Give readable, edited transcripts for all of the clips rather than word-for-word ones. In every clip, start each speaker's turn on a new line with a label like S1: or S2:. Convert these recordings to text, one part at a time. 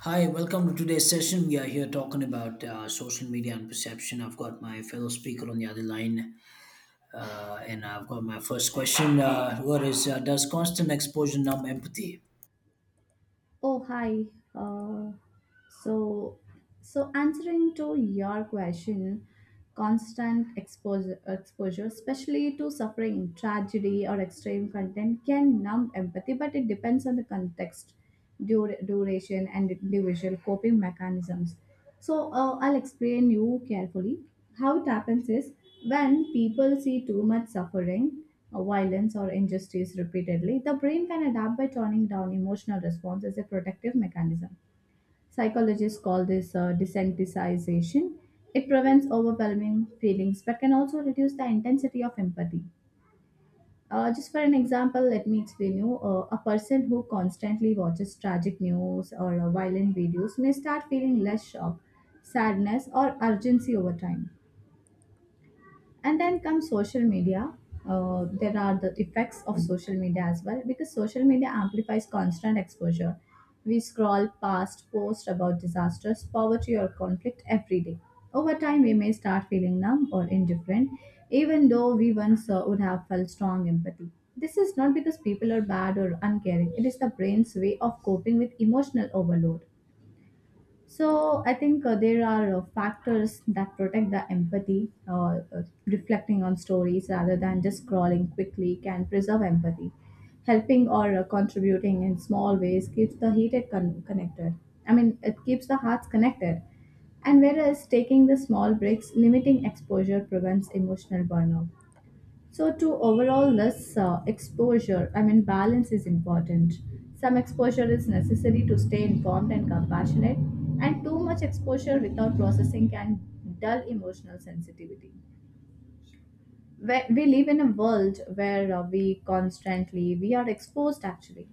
S1: Hi, welcome to today's session. We are here talking about social media and perception. I've got my fellow speaker on the other line, and I've got my first question. What is Does constant exposure numb empathy?
S2: Oh, hi. Uh, so, so answering to your question, constant exposure, especially to suffering, tragedy, or extreme content, can numb empathy, but it depends on the context duration and individual coping mechanisms. So I'll explain you carefully. How it happens is when people see too much suffering, violence, or injustice repeatedly, the brain can adapt by turning down emotional response as a protective mechanism. Psychologists call this desensitization. It prevents overwhelming feelings but can also reduce the intensity of empathy. Just for an example, let me explain you. A person who constantly watches tragic news or violent videos may start feeling less shock, sadness, or urgency over time. And then comes social media. There are the effects of social media as well because social media amplifies constant exposure. We scroll past posts about disasters, poverty, or conflict every day. Over time we may start feeling numb or indifferent, even though we once would have felt strong empathy. This is not because people are bad or uncaring, it is the brain's way of coping with emotional overload. So I think there are factors that protect the empathy. Reflecting on stories rather than just scrolling quickly can preserve empathy. Helping or contributing in small ways keeps the connected. I mean, it keeps the hearts connected. And whereas taking the small breaks, limiting exposure prevents emotional burnout. So, to overallness, exposure, I mean, balance is important. Some exposure is necessary to stay informed and compassionate, and too much exposure without processing can dull emotional sensitivity. Where we live in a world where we constantly we are exposed actually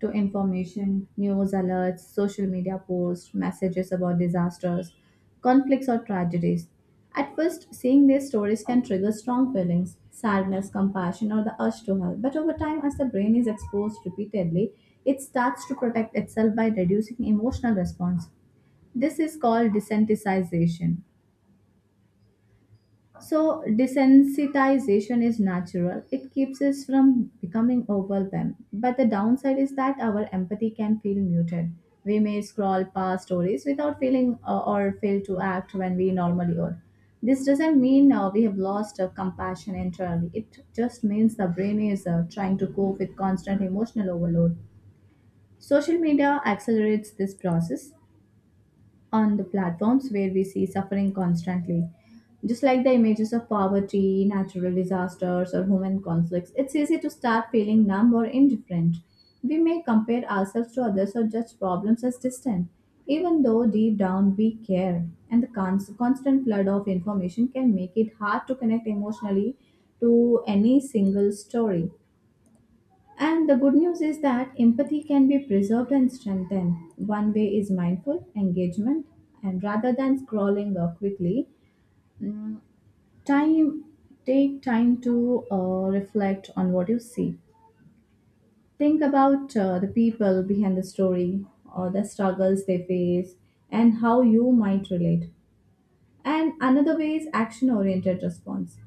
S2: to information, news alerts, social media posts, messages about disasters, conflicts, or tragedies. At first, seeing these stories can trigger strong feelings, sadness, compassion, or the urge to help. But over time, as the brain is exposed repeatedly, it starts to protect itself by reducing emotional response. This is called desensitization. So, desensitization is natural. It keeps us from becoming overwhelmed. But the downside is that our empathy can feel muted. We may scroll past stories without feeling, or fail to act when we normally would. This doesn't mean we have lost compassion entirely. It just means the brain is trying to cope with constant emotional overload. Social media accelerates this process on the platforms where we see suffering constantly. Just like the images of poverty, natural disasters, or human conflicts, it's easy to start feeling numb or indifferent. We may compare ourselves to others or judge problems as distant, even though deep down we care. And the constant flood of information can make it hard to connect emotionally to any single story. And the good news is that empathy can be preserved and strengthened. One way is mindful engagement, and rather than scrolling quickly, mm, time take time to reflect on what you see. Think about the people behind the story or the struggles they face and how you might relate. And another way is action oriented response.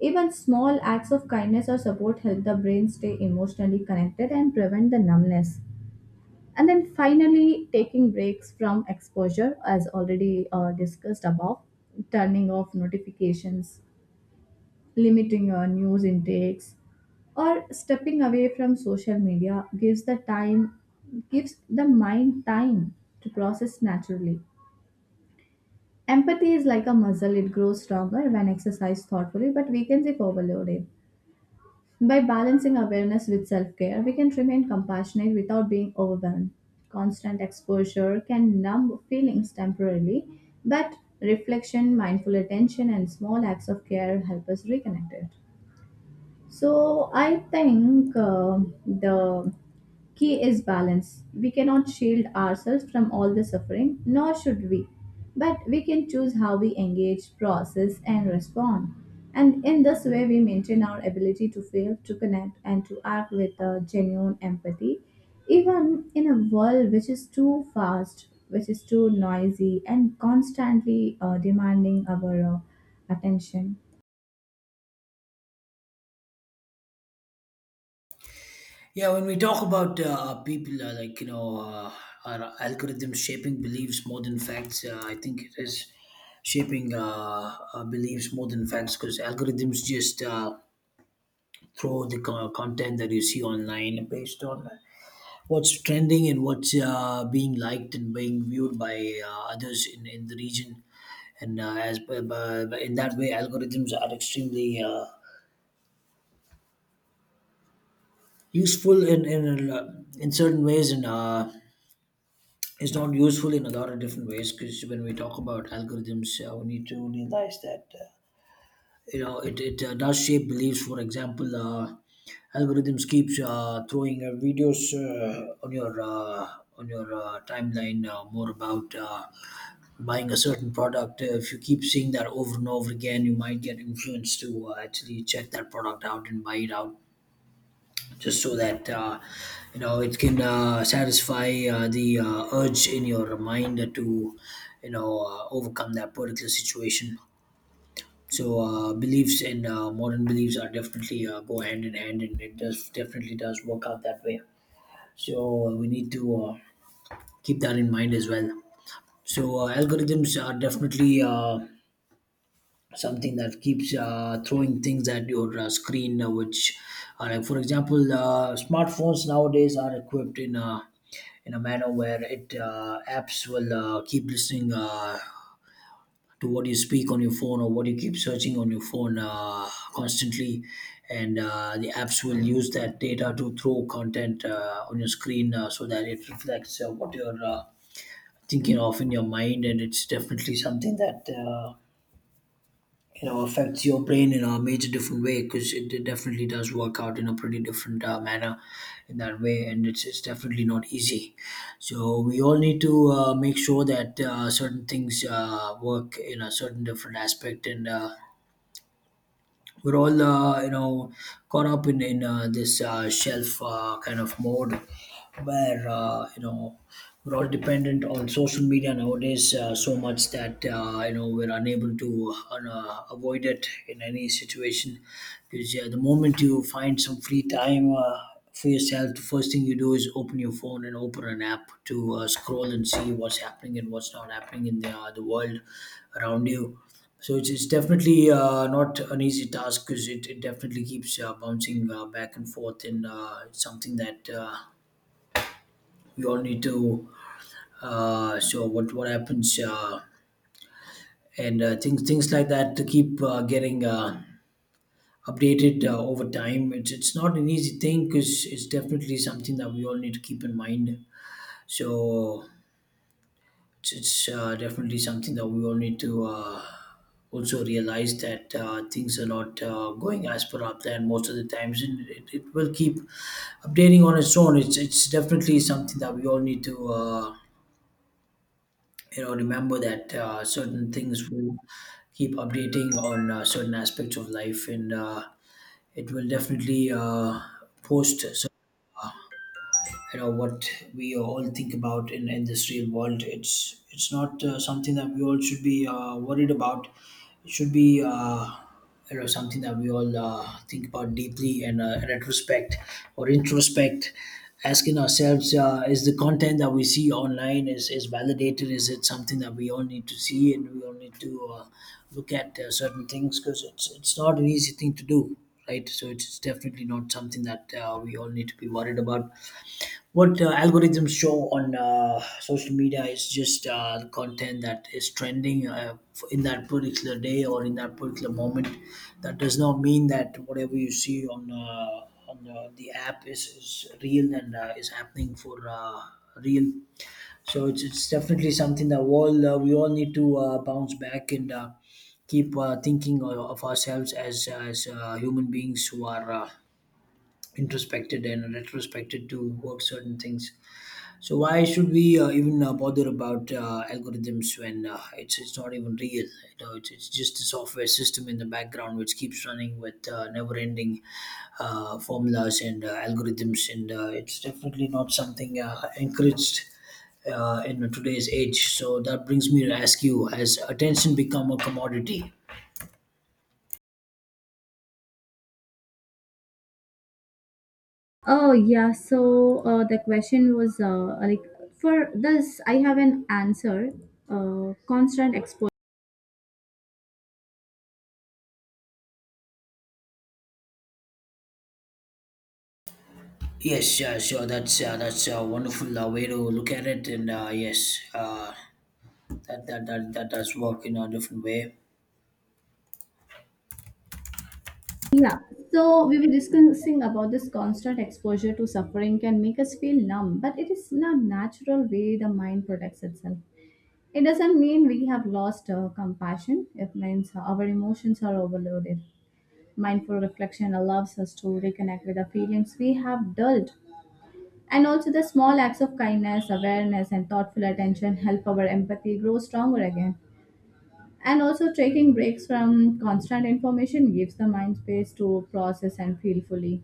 S2: Even small acts of kindness or support help the brain stay emotionally connected and prevent the numbness. And then finally, taking breaks from exposure as already discussed above, turning off notifications, limiting your news intakes, or stepping away from social media gives the mind time to process naturally. Empathy is like a muscle, it grows stronger when exercised thoughtfully but weakens if overloaded. By balancing awareness with self care, we can remain compassionate without being overwhelmed. Constant exposure can numb feelings temporarily, but reflection, mindful attention, and small acts of care help us reconnect it. So I think the key is balance. We cannot shield ourselves from all the suffering, nor should we. But we can choose how we engage, process, and respond. And in this way, we maintain our ability to feel, to connect, and to act with genuine empathy, even in a world which is too fast, which is too noisy, and constantly demanding our attention.
S1: Yeah, when we talk about people, our algorithms shaping beliefs more than facts, I think it is shaping beliefs more than facts, because algorithms just throw the content that you see online based on what's trending and what's being liked and being viewed by others in the region, and in that way, algorithms are extremely useful in in certain ways, and it's not useful in a lot of different ways. Because when we talk about algorithms, we need to realize that. You know, it does shape beliefs. For example, algorithms keeps throwing videos on your timeline, more about buying a certain product. If you keep seeing that over and over again, you might get influenced to actually check that product out and buy it out just so that it can satisfy the urge in your mind to overcome that particular situation. So beliefs and modern beliefs are definitely go hand in hand, and it does definitely does work out that way. So we need to keep that in mind as well. So algorithms are definitely something that keeps throwing things at your screen, like for example, smartphones nowadays are equipped in a, in a manner where it apps will keep listening to what you speak on your phone or what you keep searching on your phone, constantly. And the apps will use that data to throw content on your screen, so that it reflects what you're thinking of in your mind. And it's definitely something that affects your brain in a major different way, because it definitely does work out in a pretty different manner in that way, and it's definitely not easy. So we all need to make sure that certain things work in a certain different aspect, and we're all caught up in this shelf kind of mode, where we're all dependent on social media nowadays so much that we're unable to avoid it in any situation, because yeah, the moment you find some free time for yourself, the first thing you do is open your phone and open an app to scroll and see what's happening and what's not happening in the world around you. So it's definitely not an easy task, because it definitely keeps bouncing back and forth, and it's something that we all need to. So what happens, and things like that to keep getting updated over time. It's not an easy thing, because it's definitely something that we all need to keep in mind. So it's, it's definitely something that we all need to also realize that things are not going as per our plan most of the times, and it will keep updating on its own. It's definitely something that we all need to remember that certain things will keep updating on certain aspects of life, and it will definitely post what we all think about in this real world. It's not something that we all should be worried about. It should be something that we all think about deeply, and retrospect or introspect, asking ourselves, is the content that we see online is validated, is it something that we all need to see, and we all need to look at certain things, because it's not an easy thing to do, right? So it's definitely not something that we all need to be worried about. What algorithms show on social media is just the content that is trending in that particular day or in that particular moment. That does not mean that whatever you see on the app is real, and is happening for real. So it's definitely something that we all need to bounce back and keep thinking of ourselves as human beings who are introspected and retrospected to work certain things. So why should we even bother about algorithms when it's not even real? You know, it's just a software system in the background which keeps running with never-ending formulas and algorithms, and it's definitely not something encouraged in today's age. So that brings me to ask you: has attention become a commodity?
S2: Oh yeah, so the question was like, for this, I have an answer. Constant exposure.
S1: Yes, sure. That's a wonderful way to look at it, and yes, that does work in a different way.
S2: Yeah, so we were discussing about this constant exposure to suffering can make us feel numb, but it is not natural way the mind protects itself. It doesn't mean we have lost compassion. It means our emotions are overloaded. Mindful reflection allows us to reconnect with the feelings we have dulled. And also, the small acts of kindness, awareness, and thoughtful attention help our empathy grow stronger again. And also, taking breaks from constant information gives the mind space to process and feel fully.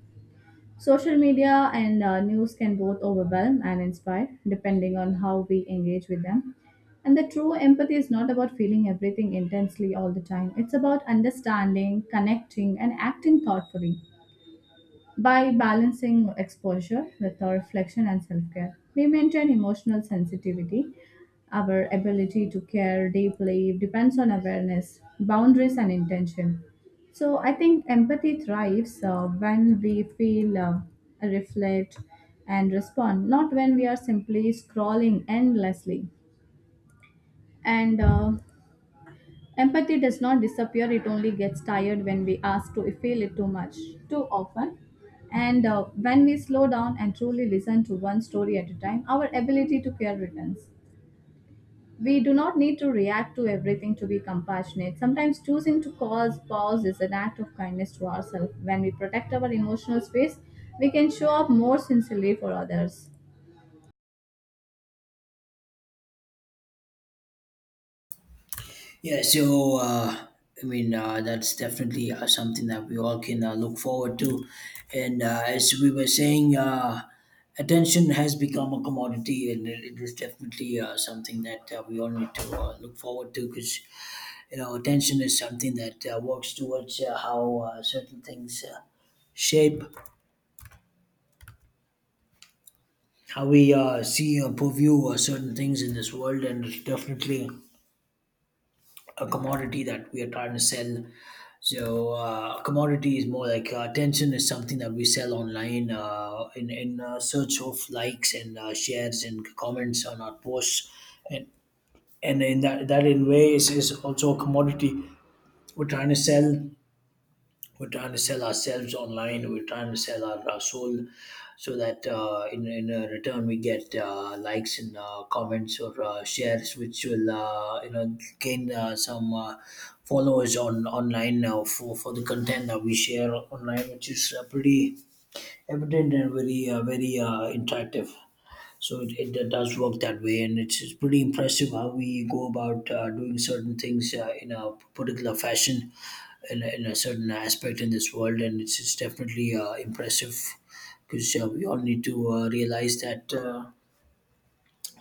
S2: Social media and news can both overwhelm and inspire, depending on how we engage with them. And the true empathy is not about feeling everything intensely all the time, it's about understanding, connecting, and acting thoughtfully. By balancing exposure with our reflection and self care, we maintain emotional sensitivity. Our ability to care deeply depends on awareness, boundaries, and intention. So, I think empathy thrives when we feel, reflect, and respond, not when we are simply scrolling endlessly. And Empathy does not disappear, it only gets tired when we ask to feel it too much, too often. And when we slow down and truly listen to one story at a time, our ability to care returns. We do not need to react to everything to be compassionate. Sometimes choosing to cause pause is an act of kindness to ourselves. When we protect our emotional space, we can show up more sincerely for others.
S1: Yeah, so I mean that's definitely something that we all can look forward to, and as we were saying, attention has become a commodity, and it is definitely something that we all need to look forward to, because attention is something that works towards how certain things shape how we see or purview certain things in this world, and it's definitely a commodity that we are trying to sell. So commodity is more like attention is something that we sell online in search of likes and shares and comments on our posts, and and in that in ways is also a commodity we're trying to sell. We're trying to sell ourselves online, we're trying to sell our soul, so that in return we get likes and comments or shares, which will gain some followers on online now for the content that we share online, which is pretty evident and very interactive. So it does work that way, and it's pretty impressive how we go about doing certain things in a particular fashion in a certain aspect in this world, and it's definitely impressive, because we all need to realize that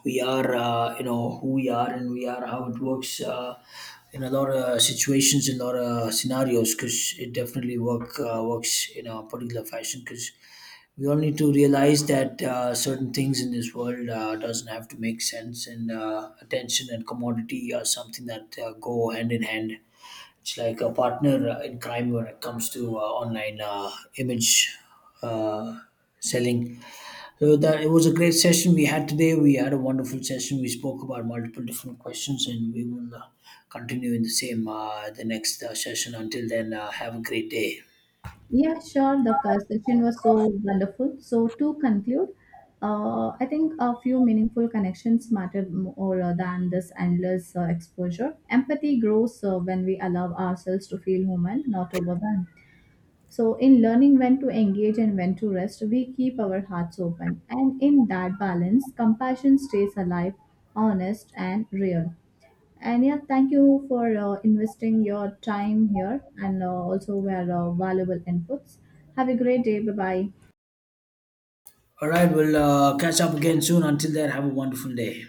S1: we are, who we are, and we are how it works in a lot of situations, in a lot of scenarios, because it definitely works in a particular fashion. Because we all need to realize that certain things in this world doesn't have to make sense, and attention and commodity are something that go hand in hand. It's like a partner in crime when it comes to online image, uh, selling. So that, it was a great session we had today. We had a wonderful session. We spoke about multiple different questions, and we will continue in the same the next session. Until then, have a great day.
S2: Yeah, sure. The session was so wonderful. So to conclude, I think a few meaningful connections matter more than this endless exposure. Empathy grows when we allow ourselves to feel human, not overwhelmed. So in learning when to engage and when to rest, we keep our hearts open, and in that balance, compassion stays alive, honest, and real. And yeah, thank you for investing your time here and also were valuable inputs. Have a great day. Bye bye.
S1: All right, we'll catch up again soon. Until then, have a wonderful day.